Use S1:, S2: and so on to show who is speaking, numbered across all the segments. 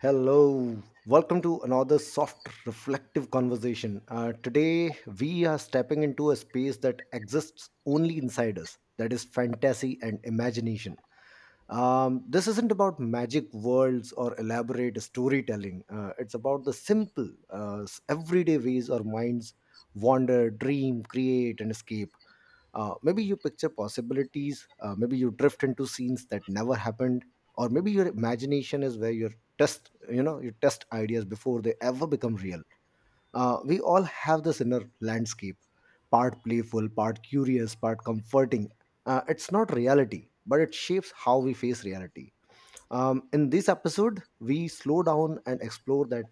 S1: Hello, welcome to another soft, reflective conversation. Today, we are stepping into a space that exists only inside us, that is, fantasy and imagination. This isn't about magic worlds or elaborate storytelling, it's about the simple, everyday ways our minds wander, dream, create, and escape. Maybe you picture possibilities, maybe you drift into scenes that never happened, or maybe your imagination is where test you test ideas before they ever become real. We all have this inner landscape, part playful, part curious, part comforting. It's not reality, but it shapes how we face reality. In this episode, we slow down and explore that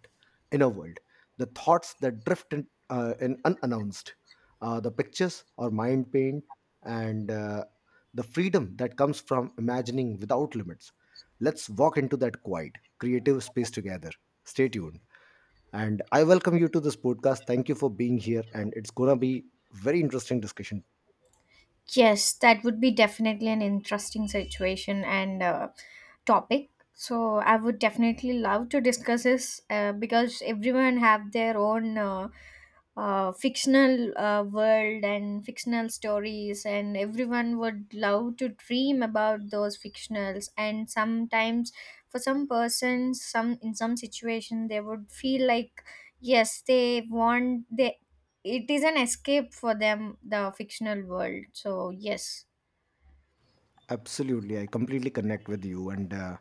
S1: inner world, the thoughts that drift in unannounced, the pictures or mind paint, and the freedom that comes from imagining without limits. Let's walk into that quiet, creative space together. Stay tuned. And I welcome you to this podcast. Thank you for being here, and it's gonna be very interesting discussion.
S2: Yes, that would be definitely an interesting situation, and topic. So I would definitely love to discuss this, because everyone have their own fictional world and fictional stories, and everyone would love to dream about those fictionals. And sometimes for some persons, some situation they would feel like yes, they want they it is an escape for them, the fictional world. So yes.
S1: Absolutely, I completely connect with you. And uh,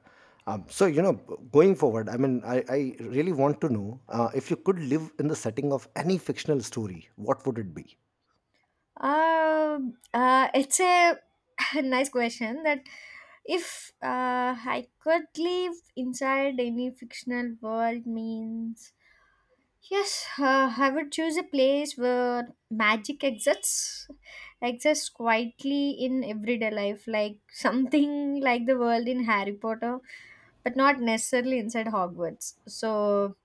S1: um, so, going forward, I mean, I really want to know, if you could live in the setting of any fictional story, what would it be?
S2: It's a nice question that if, I could live inside any fictional world means, yes, I would choose a place where magic exists, exists quietly in everyday life, like something like the world in Harry Potter, but not necessarily inside Hogwarts. So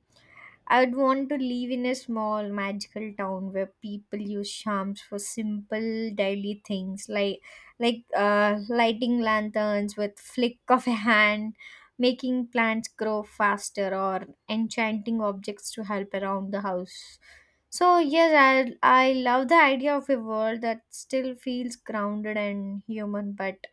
S2: I would want to live in a small magical town where people use charms for simple daily things, like lighting lanterns with flick of a hand, making plants grow faster, or enchanting objects to help around the house. So yes, I love the idea of a world that still feels grounded and human, but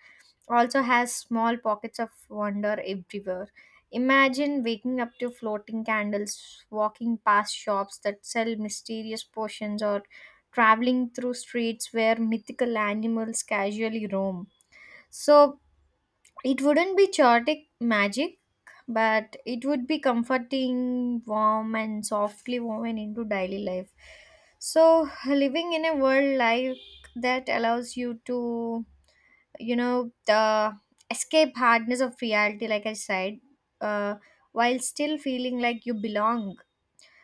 S2: also has small pockets of wonder everywhere. Imagine waking up to floating candles, walking past shops that sell mysterious potions, or traveling through streets where mythical animals casually roam. So it wouldn't be chaotic magic, but it would be comforting, warm, and softly woven into daily life. So living in a world like that allows you to, you know, the escape hardness of reality, like I said, uh, while still feeling like you belong.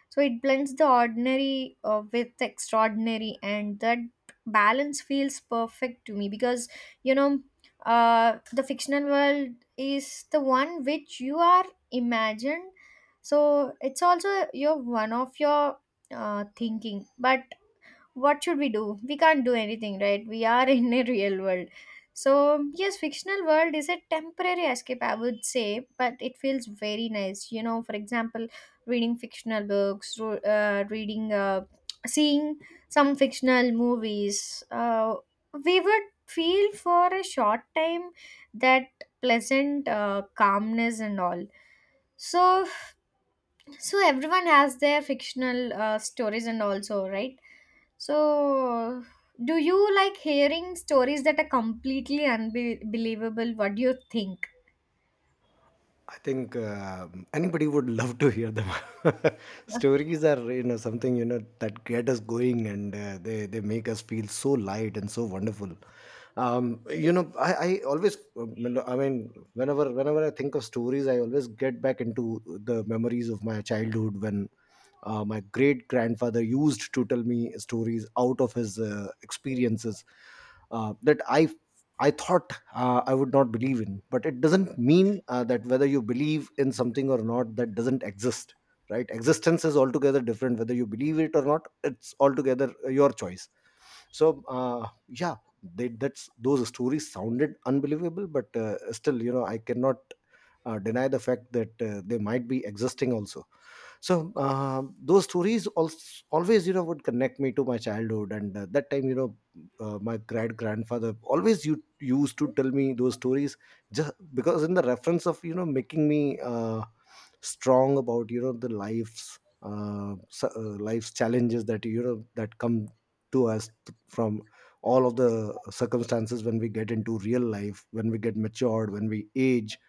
S2: So it blends the ordinary with the extraordinary, and that balance feels perfect to me because, you know, the fictional world is the one which you are imagined, so it's also your one of your thinking. But what should we do? We can't do anything, right? We are in a real world. So yes, fictional world is a temporary escape, I would say, but it feels very nice, you know. For example, reading fictional books, reading, seeing some fictional movies, we would feel for a short time that pleasant calmness and all. So so everyone has their fictional stories and also, right? So do you like hearing stories that are completely unbelievable? What do you think?
S1: I think anybody would love to hear them. Stories are, something, that get us going, and they make us feel so light and so wonderful. I, always, I mean, whenever I think of stories, I always get back into the memories of my childhood, when my great grandfather used to tell me stories out of his experiences, that I thought, I would not believe in, but it doesn't mean, that whether you believe in something or not, that doesn't exist, right? Existence is altogether different. Whether you believe it or not, it's altogether your choice. So, yeah, that's, those stories sounded unbelievable, but still, you know, I cannot deny the fact that they might be existing also. So those stories also always would connect me to my childhood. And that time, my great grandfather always used to tell me those stories, just because in the reference of, making me strong about, the life's life's challenges that that come to us, from all of the circumstances, when we get into real life, when we get matured, when we age.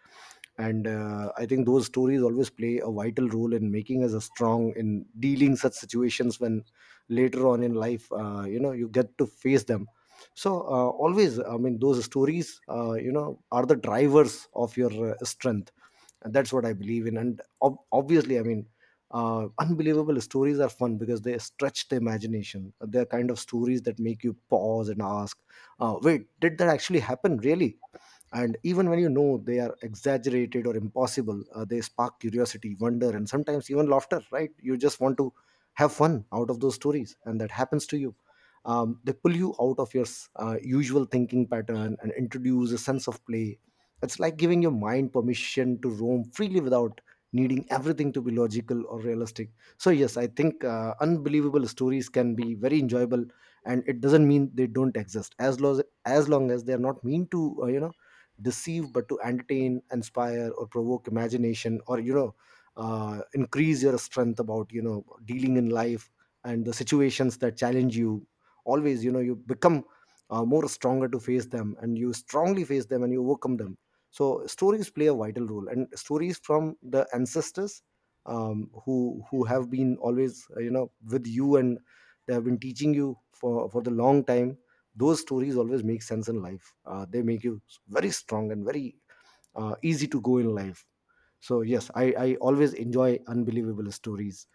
S1: And I think those stories always play a vital role in making us a strong in dealing such situations when later on in life, you get to face them. So, always, I mean, those stories, are the drivers of your strength. And that's what I believe in. And obviously, I mean, unbelievable stories are fun because they stretch the imagination. They're kind of stories that make you pause and ask, wait, did that actually happen, really? And even when, they are exaggerated or impossible, they spark curiosity, wonder, and sometimes even laughter, right? You just want to have fun out of those stories, and that happens to you. Um, they pull you out of your usual thinking pattern and introduce a sense of play. It's like giving your mind permission to roam freely without needing everything to be logical or realistic. So yes, I think unbelievable stories can be very enjoyable. And it doesn't mean they don't exist, as long as they are not mean to, deceive, but to entertain, inspire, or provoke imagination, or increase your strength about, dealing in life and the situations that challenge you. Always, you become more stronger to face them, and you strongly face them, and you overcome them. So stories play a vital role, and stories from the ancestors, who have been always with you, and they have been teaching you for the long time, those stories always make sense in life. Uh, they make you very strong and very easy to go in life. So yes, I always enjoy unbelievable stories.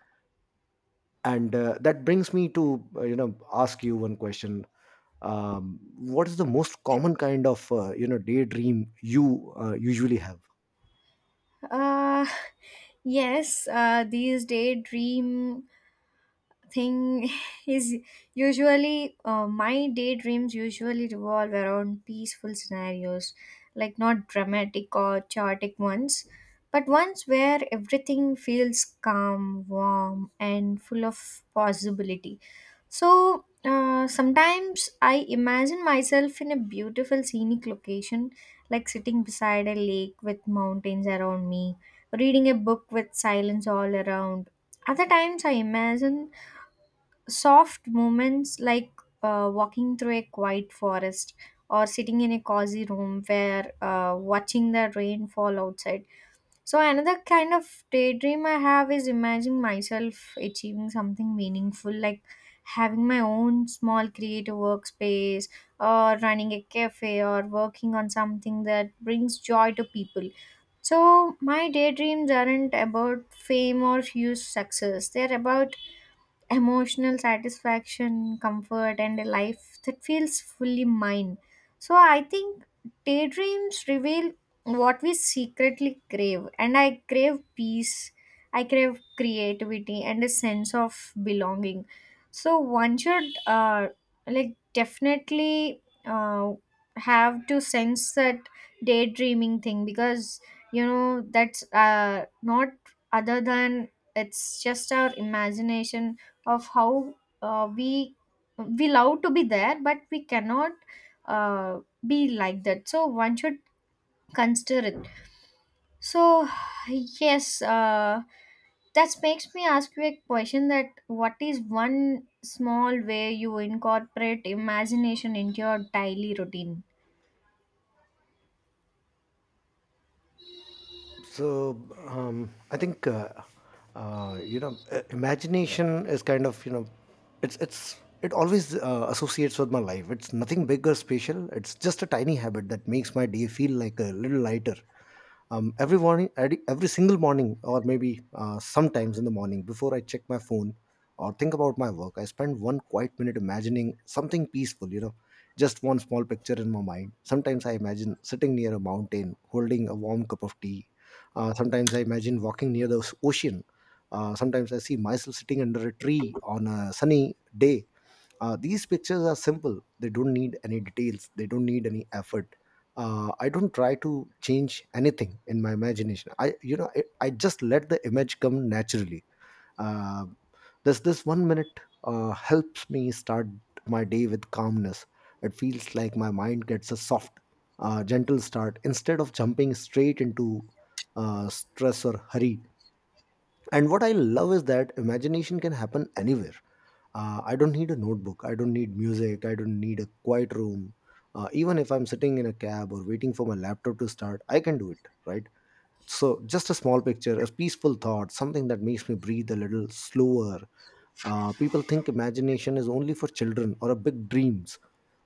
S1: And that brings me to, ask you one question. Um, what is the most common kind of daydream you usually have?
S2: Uh, yes, these daydream thing is usually, my daydreams usually revolve around peaceful scenarios, like not dramatic or chaotic ones, but ones where everything feels calm, warm, and full of possibility. So sometimes I imagine myself in a beautiful scenic location, like sitting beside a lake with mountains around me, reading a book with silence all around. Other times I imagine soft moments like, walking through a quiet forest or sitting in a cozy room where, watching the rain fall outside. So another kind of daydream I have is imagining myself achieving something meaningful, like having my own small creative workspace or running a cafe or working on something that brings joy to people. So my daydreams aren't about fame or huge success. They're about emotional satisfaction, comfort, and a life that feels fully mine. So I think daydreams reveal what we secretly crave, and I crave peace, I crave creativity, and a sense of belonging. So one should, like, definitely have to sense that daydreaming thing because, you know, that's not other than it's just our imagination of how, uh, we we love to be there, but we cannot uh, be like that. So one should consider it. So yes, that makes me ask you a question that what is one small way you incorporate imagination into your daily routine?
S1: So, I think, imagination is kind of, it's it's it always associates with my life. It's nothing big or special. It's just a tiny habit that makes my day feel like a little lighter. Every morning, every single morning, or maybe sometimes in the morning before I check my phone or think about my work, I spend one quiet minute imagining something peaceful. You know, just one small picture in my mind. Sometimes I imagine sitting near a mountain, holding a warm cup of tea. Sometimes I imagine walking near the ocean. Sometimes I see myself sitting under a tree on a sunny day. These pictures are simple. They don't need any details. They don't need any effort. I don't try to change anything in my imagination. I, you know, I just let the image come naturally. Um does this 1 minute helps me start my day with calmness? It feels like my mind gets a soft, gentle start instead of jumping straight into stress or hurry. And what I love is that imagination can happen anywhere. I don't need a notebook. I don't need music. I don't need a quiet room. Even if I'm sitting in a cab or waiting for my laptop to start, I can do it, right? So, just a small picture, a peaceful thought, something that makes me breathe a little slower. People think imagination is only for children or a big dreams,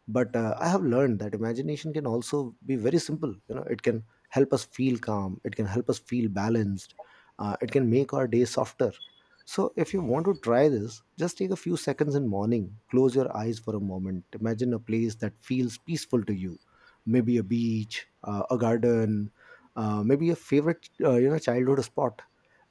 S1: but I have learned that imagination can also be very simple. You know, it can help us feel calm. It can help us feel balanced. It can make our day softer. So, if you want to try this, just take a few seconds in morning. Close your eyes for a moment. Imagine a place that feels peaceful to you. Maybe a beach, a garden, maybe a favorite, childhood spot.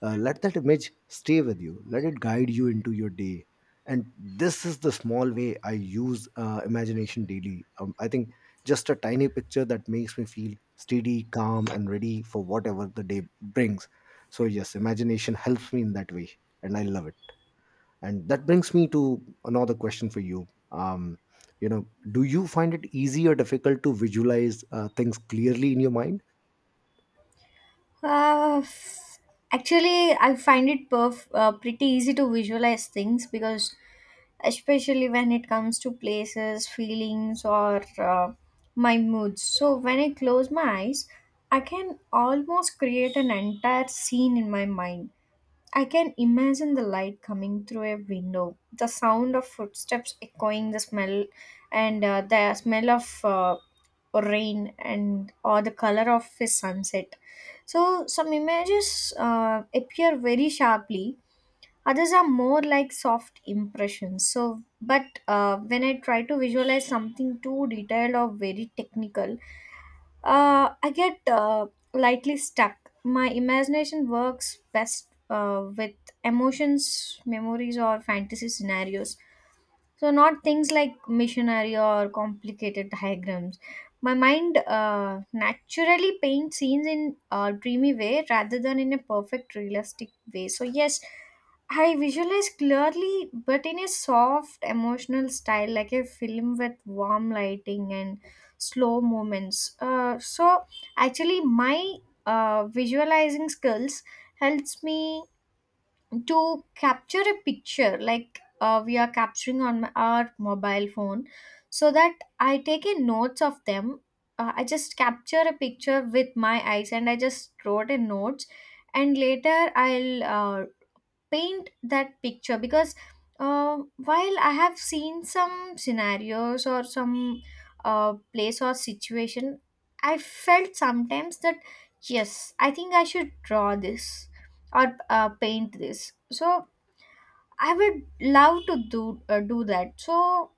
S1: Let that image stay with you, let it guide you into your day. And this is the small way I use imagination daily. I think just a tiny picture that makes me feel steady, calm, and ready for whatever the day brings. So yes, imagination helps me in that way, and I love it. And that brings me to another question for you. Do you find it easy or difficult to visualize things clearly in your mind?
S2: Uh, Actually, I find it pretty easy to visualize things because, especially when it comes to places, feelings, or my moods. So when I close my eyes, I can almost create an entire scene in my mind. I can imagine the light coming through a window, the sound of footsteps echoing, the smell, and the smell of, rain, and or the color of a sunset. So some images appear very sharply. Others are more like soft impressions. So, but when I try to visualize something too detailed or very technical, I get lightly stuck. My imagination works best with emotions, memories, or fantasy scenarios. So not things like missionary or complicated diagrams. My mind naturally paints scenes in a dreamy way rather than in a perfect realistic way. So yes, I visualize clearly, but in a soft emotional style, like a film with warm lighting and slow moments. So actually, my visualizing skills helps me to capture a picture like, we are capturing on our mobile phone, so that I take in notes of them. I just capture a picture with my eyes and I just wrote in notes, and later I'll paint that picture because, while I have seen some scenarios or some, place or situation, I felt sometimes that yes, I think I should draw this or, paint this. So I would love to do that. So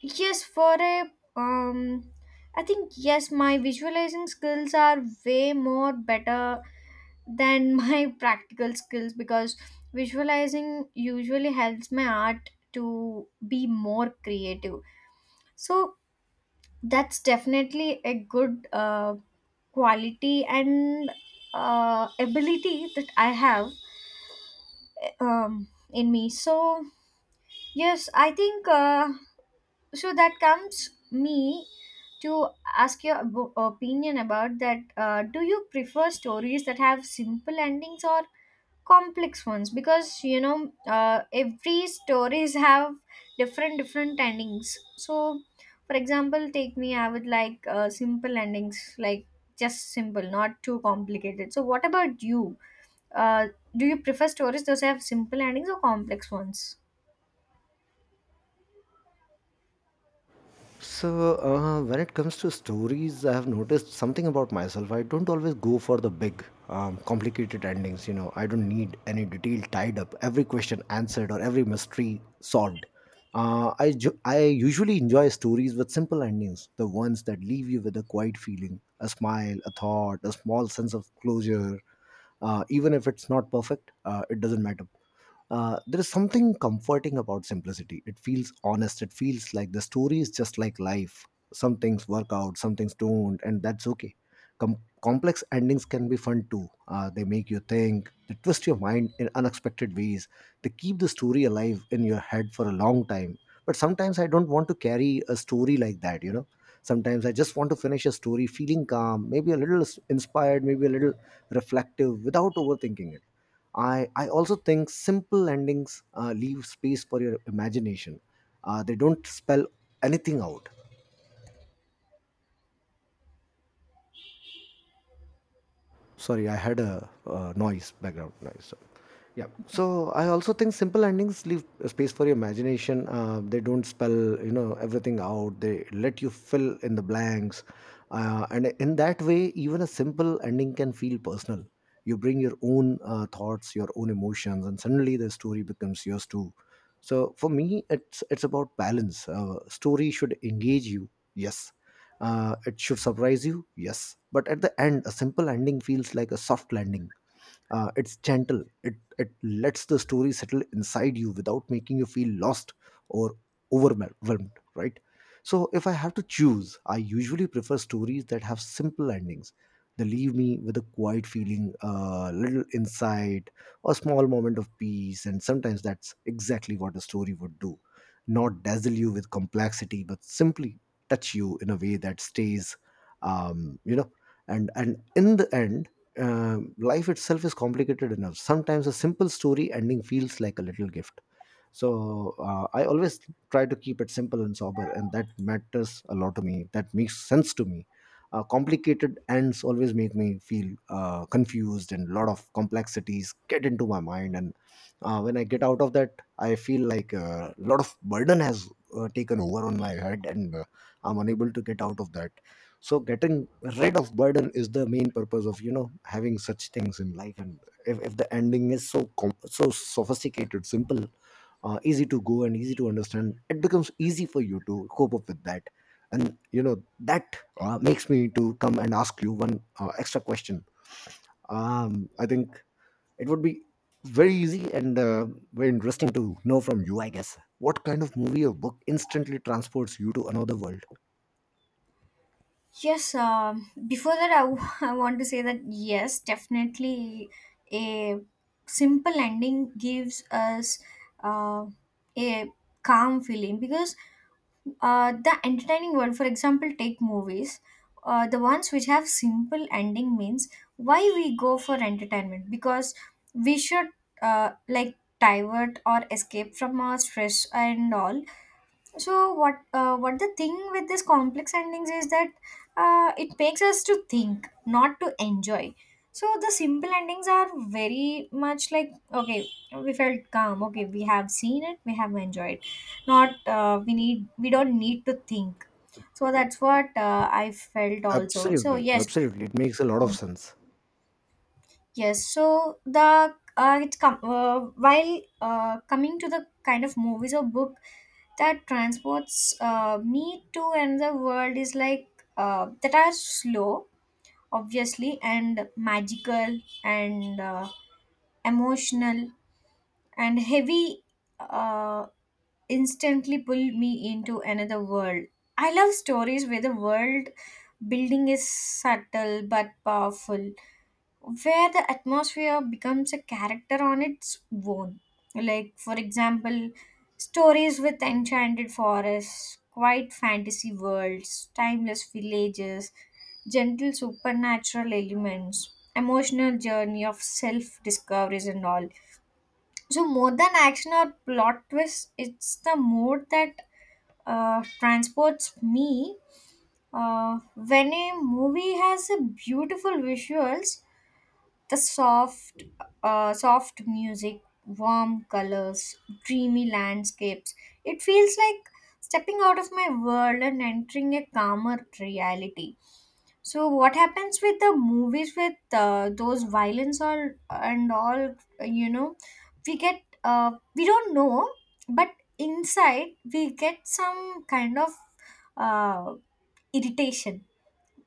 S2: yes, for a I think yes, my visualizing skills are way more better than my practical skills because visualizing usually helps my art to be more creative. So that's definitely a good quality and ability that I have in me. So yes, I think, so that comes me to ask your opinion about that. Do you prefer stories that have simple endings or complex ones? Because, you know, every stories have different different endings. So for example, take me, I would like, simple endings, like just simple, not too complicated. So what about you? uh, do you prefer stories those have simple endings or complex ones?
S1: So, when it comes to stories, I have noticed something about myself. I don't always go for the big, complicated endings. You know, I don't need any detail tied up, every question answered, or every mystery solved. I usually enjoy stories with simple endings, the ones that leave you with a quiet feeling, a smile, a thought, a small sense of closure. Even if it's not perfect, it doesn't matter. There is something comforting about simplicity. It feels honest. It feels like the story is just like life. Some things work out, some things don't, and that's okay. Complex endings can be fun too. They make you think, they twist your mind in unexpected ways, they keep the story alive in your head for a long time. But sometimes I don't want to carry a story like that. Sometimes I just want to finish a story feeling calm, maybe a little inspired, maybe a little reflective without overthinking it. I also think simple endings leave space for your imagination. They don't spell anything out. Sorry, I had noise, background noise, so yeah, so I also think simple endings leave space for your imagination. Uh, they don't spell, everything out. They let you fill in the blanks. Uh, and in that way, even a simple ending can feel personal. You bring your own thoughts, your own emotions, and suddenly the story becomes yours too. So for me, it's about balance. Uh, story should engage you, yes. Uh, it should surprise you, yes. But at the end, a simple ending feels like a soft landing. Uh, it's gentle. It lets the story settle inside you without making you feel lost or overwhelmed. Right. So if I have to choose, I usually prefer stories that have simple endings. They leave me with a quiet feeling, a little insight, a small moment of peace, and sometimes that's exactly what a story would do. Not dazzle you with complexity, but simply touch you in a way that stays, um, you know, and in the end, life itself is complicated enough. Sometimes a simple story ending feels like a little gift, so I always try to keep it simple and sober, and that matters a lot to me. That makes sense to me. Complicated ends always make me feel confused, and a lot of complexities get into my mind. And when I get out of that, I feel like a lot of burden has taken over on my head, and I'm unable to get out of that. So getting rid of burden is the main purpose of, you know, having such things in life. And if the ending is so so sophisticated, simple, easy to go and easy to understand, it becomes easy for you to cope up with that. And you know that makes me to come and ask you one extra question. I think it would be very easy and very interesting to know from you, I guess, what kind of movie or book instantly transports you to another world?
S2: Yes, before that, I want to say that yes, definitely a simple ending gives us, uh, a calm feeling because, the entertaining world, for example, take movies. The ones which have simple ending means why we go for entertainment because we should, like, divert or escape from our stress and all. So what the thing with this complex endings is that, it makes us to think, not to enjoy. So the simple endings are very much like, okay, we felt calm, okay, we have seen it, we have enjoyed. Not we don't need to think. So that's what, I felt also. So
S1: Absolutely,
S2: yes.
S1: absolutely, it makes a lot of sense.
S2: Yes, so the, while, coming to the kind of movies or book that transports, me to another world is like, that are slow, obviously, and magical and, emotional and heavy. Uh, Instantly pull me into another world. I love stories where the world building is subtle but powerful, where the atmosphere becomes a character on its own. Like, for example, stories with enchanted forests, quiet fantasy worlds, timeless villages, gentle supernatural elements, emotional journey of self discoveries, and all. So more than action or plot twist, it's the mood that transports me. When a movie has a beautiful visuals, the soft, soft music, warm colors, dreamy landscapes. It feels like stepping out of my world and entering a calmer reality. So what happens with the movies with, those violence all and all? You know, we get we don't know, but inside we get some kind of, uh, irritation.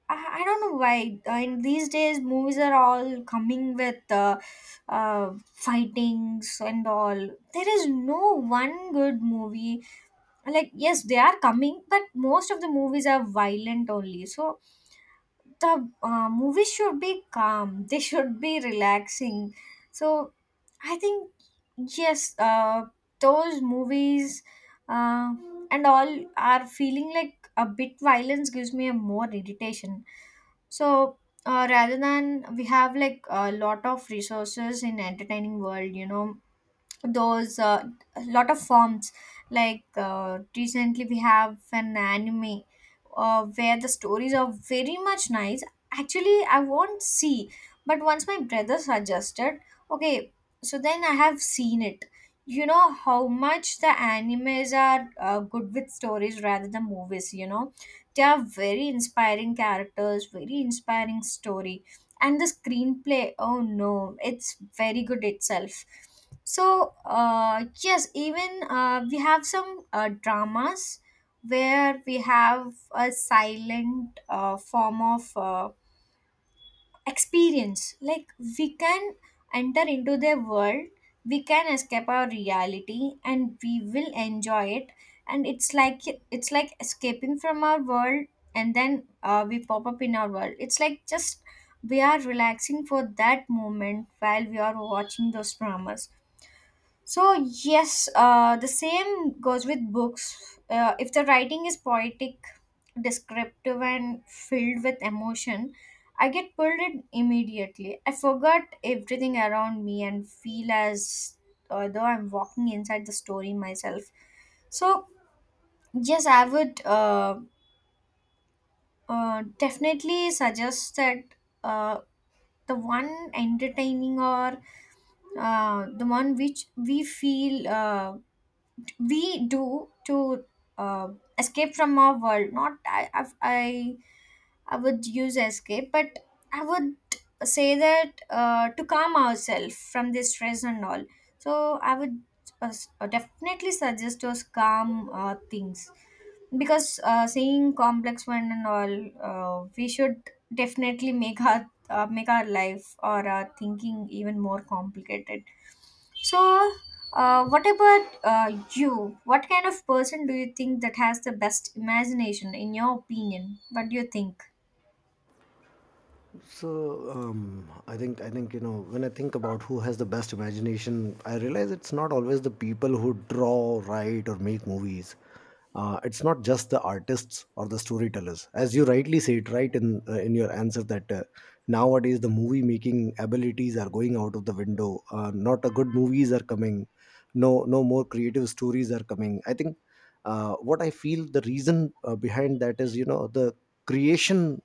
S2: I don't know why. In these days, movies are all coming with, fightings and all. There is no one good movie. Like, yes, they are coming, but most of the movies are violent only. So the movies should be calm, they should be relaxing. So I think, yes, those movies, uh, and all are feeling like a bit violence gives me a more irritation. So, rather than, we have like a lot of resources in entertaining world, you know, those a lot of forms, like, recently we have an anime where the stories are very much nice. Actually I won't see, but once my brother suggested, okay, so then I have seen it. You know how much the animes are good with stories rather than movies, you know. They are very inspiring characters, very inspiring story, and the screenplay, oh no, it's very good itself. So, yes, even we have some dramas where we have a silent form of experience. Like, we can enter into their world, we can escape our reality, and we will enjoy it. And it's like, it's like escaping from our world, and then we pop up in our world. It's like just we are relaxing for that moment while we are watching those dramas. So yes, the same goes with books. If the writing is poetic, descriptive, and filled with emotion, I get pulled in immediately. I forget everything around me and feel as though I'm walking inside the story myself. So yes, I would definitely suggest that, uh, the one entertaining or, the one which we feel. We do to, uh, escape from our world. Not I would use escape, but I would say that, to calm ourselves from this stress and all. So I would, definitely suggest us calm things because, seeing complex one and all, we should definitely make our, make our life or our thinking even more complicated. So, what about you? What kind of person do you think that has the best imagination, in your opinion? What do you think?
S1: So I think you know, when I think about who has the best imagination, I realize it's not always the people who draw, write, or make movies. It's not just the artists or the storytellers. As you rightly said right in your answer, that nowadays the movie making abilities are going out of the window. Not a good movies are coming. No more creative stories are coming. I think what I feel the reason behind that is, you know, the creation,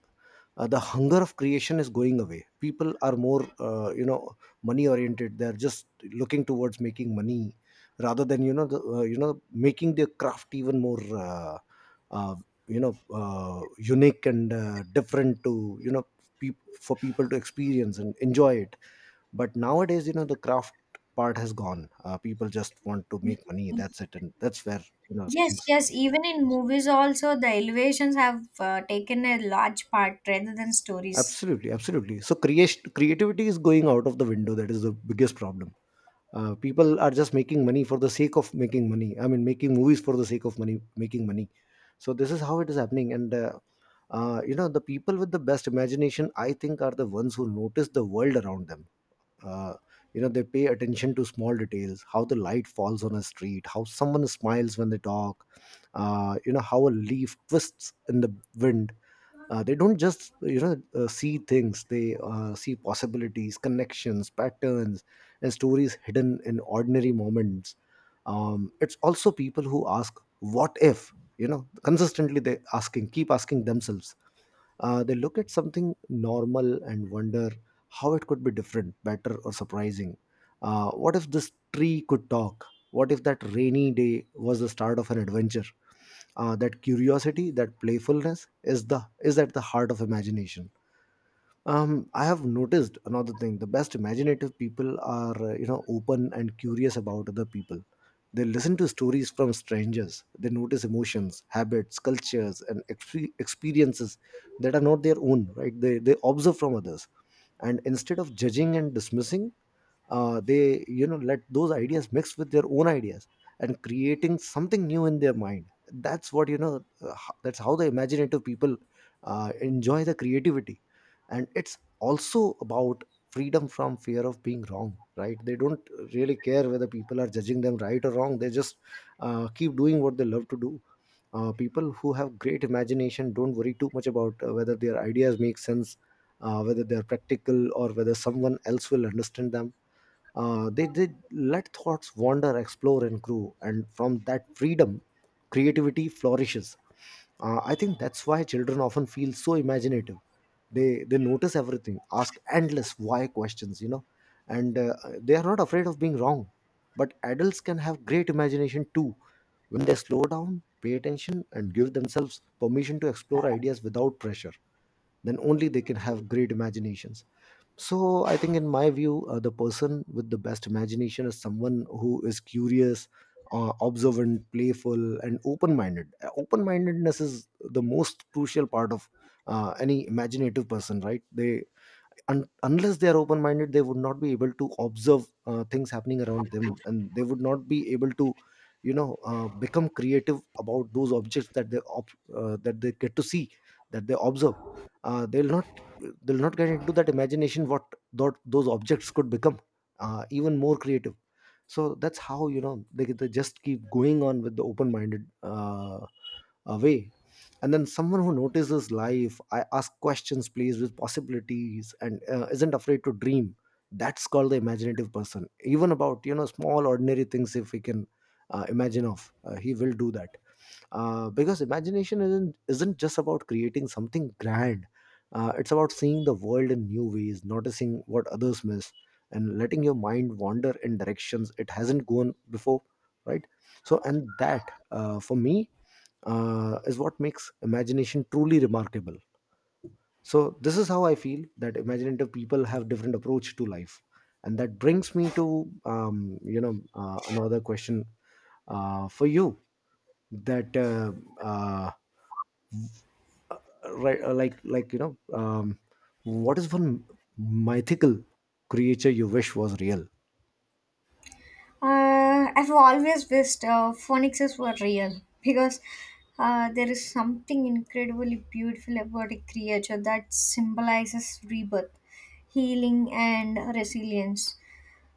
S1: the hunger of creation is going away. People are more, you know, money oriented. They're just looking towards making money rather than, you know, you know, making their craft even more, uh, you know, unique and different, to, you know, peop for people to experience and enjoy it. But nowadays, you know, the craft part has gone. People just want to make money, that's it. And that's where, you know,
S2: Yes,
S1: things.
S2: yes. Even in movies, also the elevations have taken a large part rather than stories.
S1: Absolutely, absolutely. So creation creativity is going out of the window. That is the biggest problem. People are just making money for the sake of making money. I mean, making movies for the sake of money making money. So this is how it is happening. And you know, the people with the best imagination, I think, are the ones who notice the world around them. uh, you know, they pay attention to small details: how the light falls on a street, how someone smiles when they talk, you know, how a leaf twists in the wind. They don't just, you know, see things. They see possibilities, connections, patterns, and stories hidden in ordinary moments. It's also people who ask what if, you know, consistently. They asking keep asking themselves, they look at something normal and wonder how it could be different, better, or surprising. What if this tree could talk? What if that rainy day was the start of an adventure? That curiosity, that playfulness is at the heart of imagination. I have noticed another thing: the best imaginative people are, you know, open and curious about other people. They listen to stories from strangers. They notice emotions, habits, cultures, and experiences that are not their own, right? They observe from others, and instead of judging and dismissing, they, you know, let those ideas mix with their own ideas and creating something new in their mind. That's what, you know, that's how the imaginative people enjoy the creativity. And it's also about freedom from fear of being wrong, right? They don't really care whether people are judging them right or wrong. They just keep doing what they love to do. People who have great imagination don't worry too much about whether their ideas make sense, whether they're practical, or whether someone else will understand them. They did let thoughts wander, explore, and grow, and from that freedom, creativity flourishes. I think that's why children often feel so imaginative. They notice everything, ask endless why questions, you know, and they are not afraid of being wrong. But adults can have great imagination too, when they slow down, pay attention, and give themselves permission to explore ideas without pressure. Then only they can have great imaginations. So I think, in my view, the person with the best imagination is someone who is curious, observant, playful, and open-minded. Open-mindedness is the most crucial part of any imaginative person, right? They unless they are open minded, they would not be able to observe things happening around them, and they would not be able to, you know, become creative about those objects that they that they get to see, that they observe. They'll not get into that imagination what thought those objects could become even more creative. So that's how, you know, they just keep going on with the open-minded way. And then someone who notices life, I ask questions, plays with possibilities, and isn't afraid to dream. That's called the imaginative person. Even about, you know, small ordinary things, if he can imagine of, he will do that, because imagination isn't just about creating something grand. It's about seeing the world in new ways, noticing what others miss, and letting your mind wander in directions it hasn't gone before, right? So, and that, for me, is what makes imagination truly remarkable. So this is how I feel, that imaginative people have different approach to life. And that brings me to, you know, another question for you, that uh, right, like, what is one mythical creature you wish was real?
S2: I've always wished phoenixes were real because, there is something incredibly beautiful about a creature that symbolizes rebirth, healing, and resilience.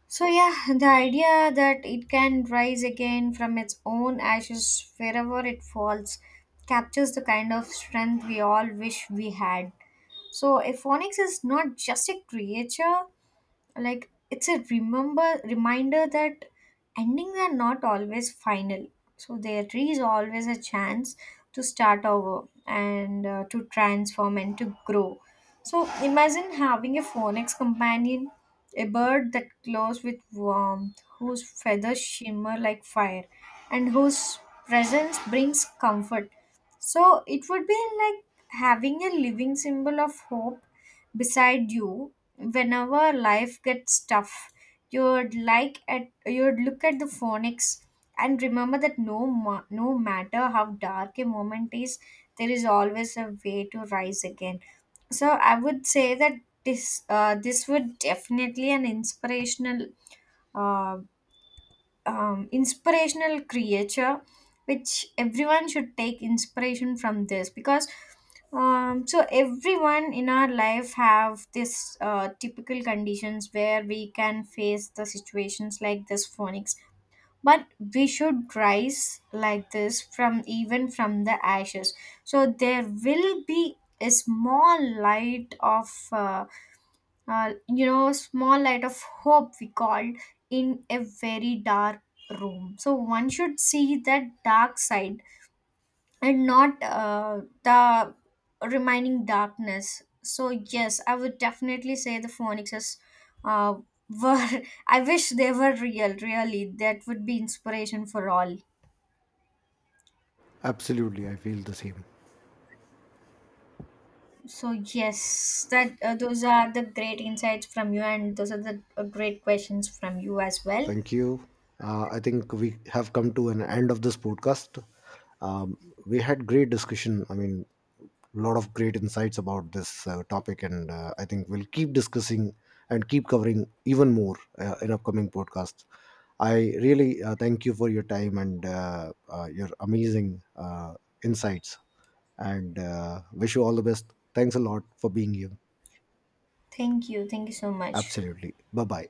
S2: So yeah, the idea that it can rise again from its own ashes wherever it falls captures the kind of strength we all wish we had. So Aphonics is not just a creature, like it's a remember reminder that endings are not always final. So there is always a chance to start over and, to transform and to grow. So imagine having a phoenix companion, a bird that glows with warmth, whose feathers shimmer like fire, and whose presence brings comfort. So it would be like having a living symbol of hope beside you. Whenever life gets tough, you'd look at the phonics and remember that no matter how dark a moment is, there is always a way to rise again. So I would say that this, this would definitely an inspirational, uh, inspirational creature which everyone should take inspiration from this because, so everyone in our life have this typical conditions where we can face the situations like this phonics. But we should rise like this from, even from the ashes. So there will be a small light of, you know, small light of hope, we called, in a very dark room. So one should see that dark side and not the remaining darkness. So yes, I would definitely say the phonics uh, were, I wish they were real, really. That would be inspiration for all.
S1: Absolutely, I feel the same.
S2: So yes, that, those are the great insights from you, and those are the great questions from you as well.
S1: Thank you. I think we have come to an end of this podcast. Um, we had great discussion. I mean, a lot of great insights about this topic, and I think we'll keep discussing and keep covering even more in upcoming podcasts. I really thank you for your time, and your amazing insights, and wish you all the best. Thanks a lot for being here.
S2: Thank you. Thank you so much.
S1: Absolutely. Bye bye.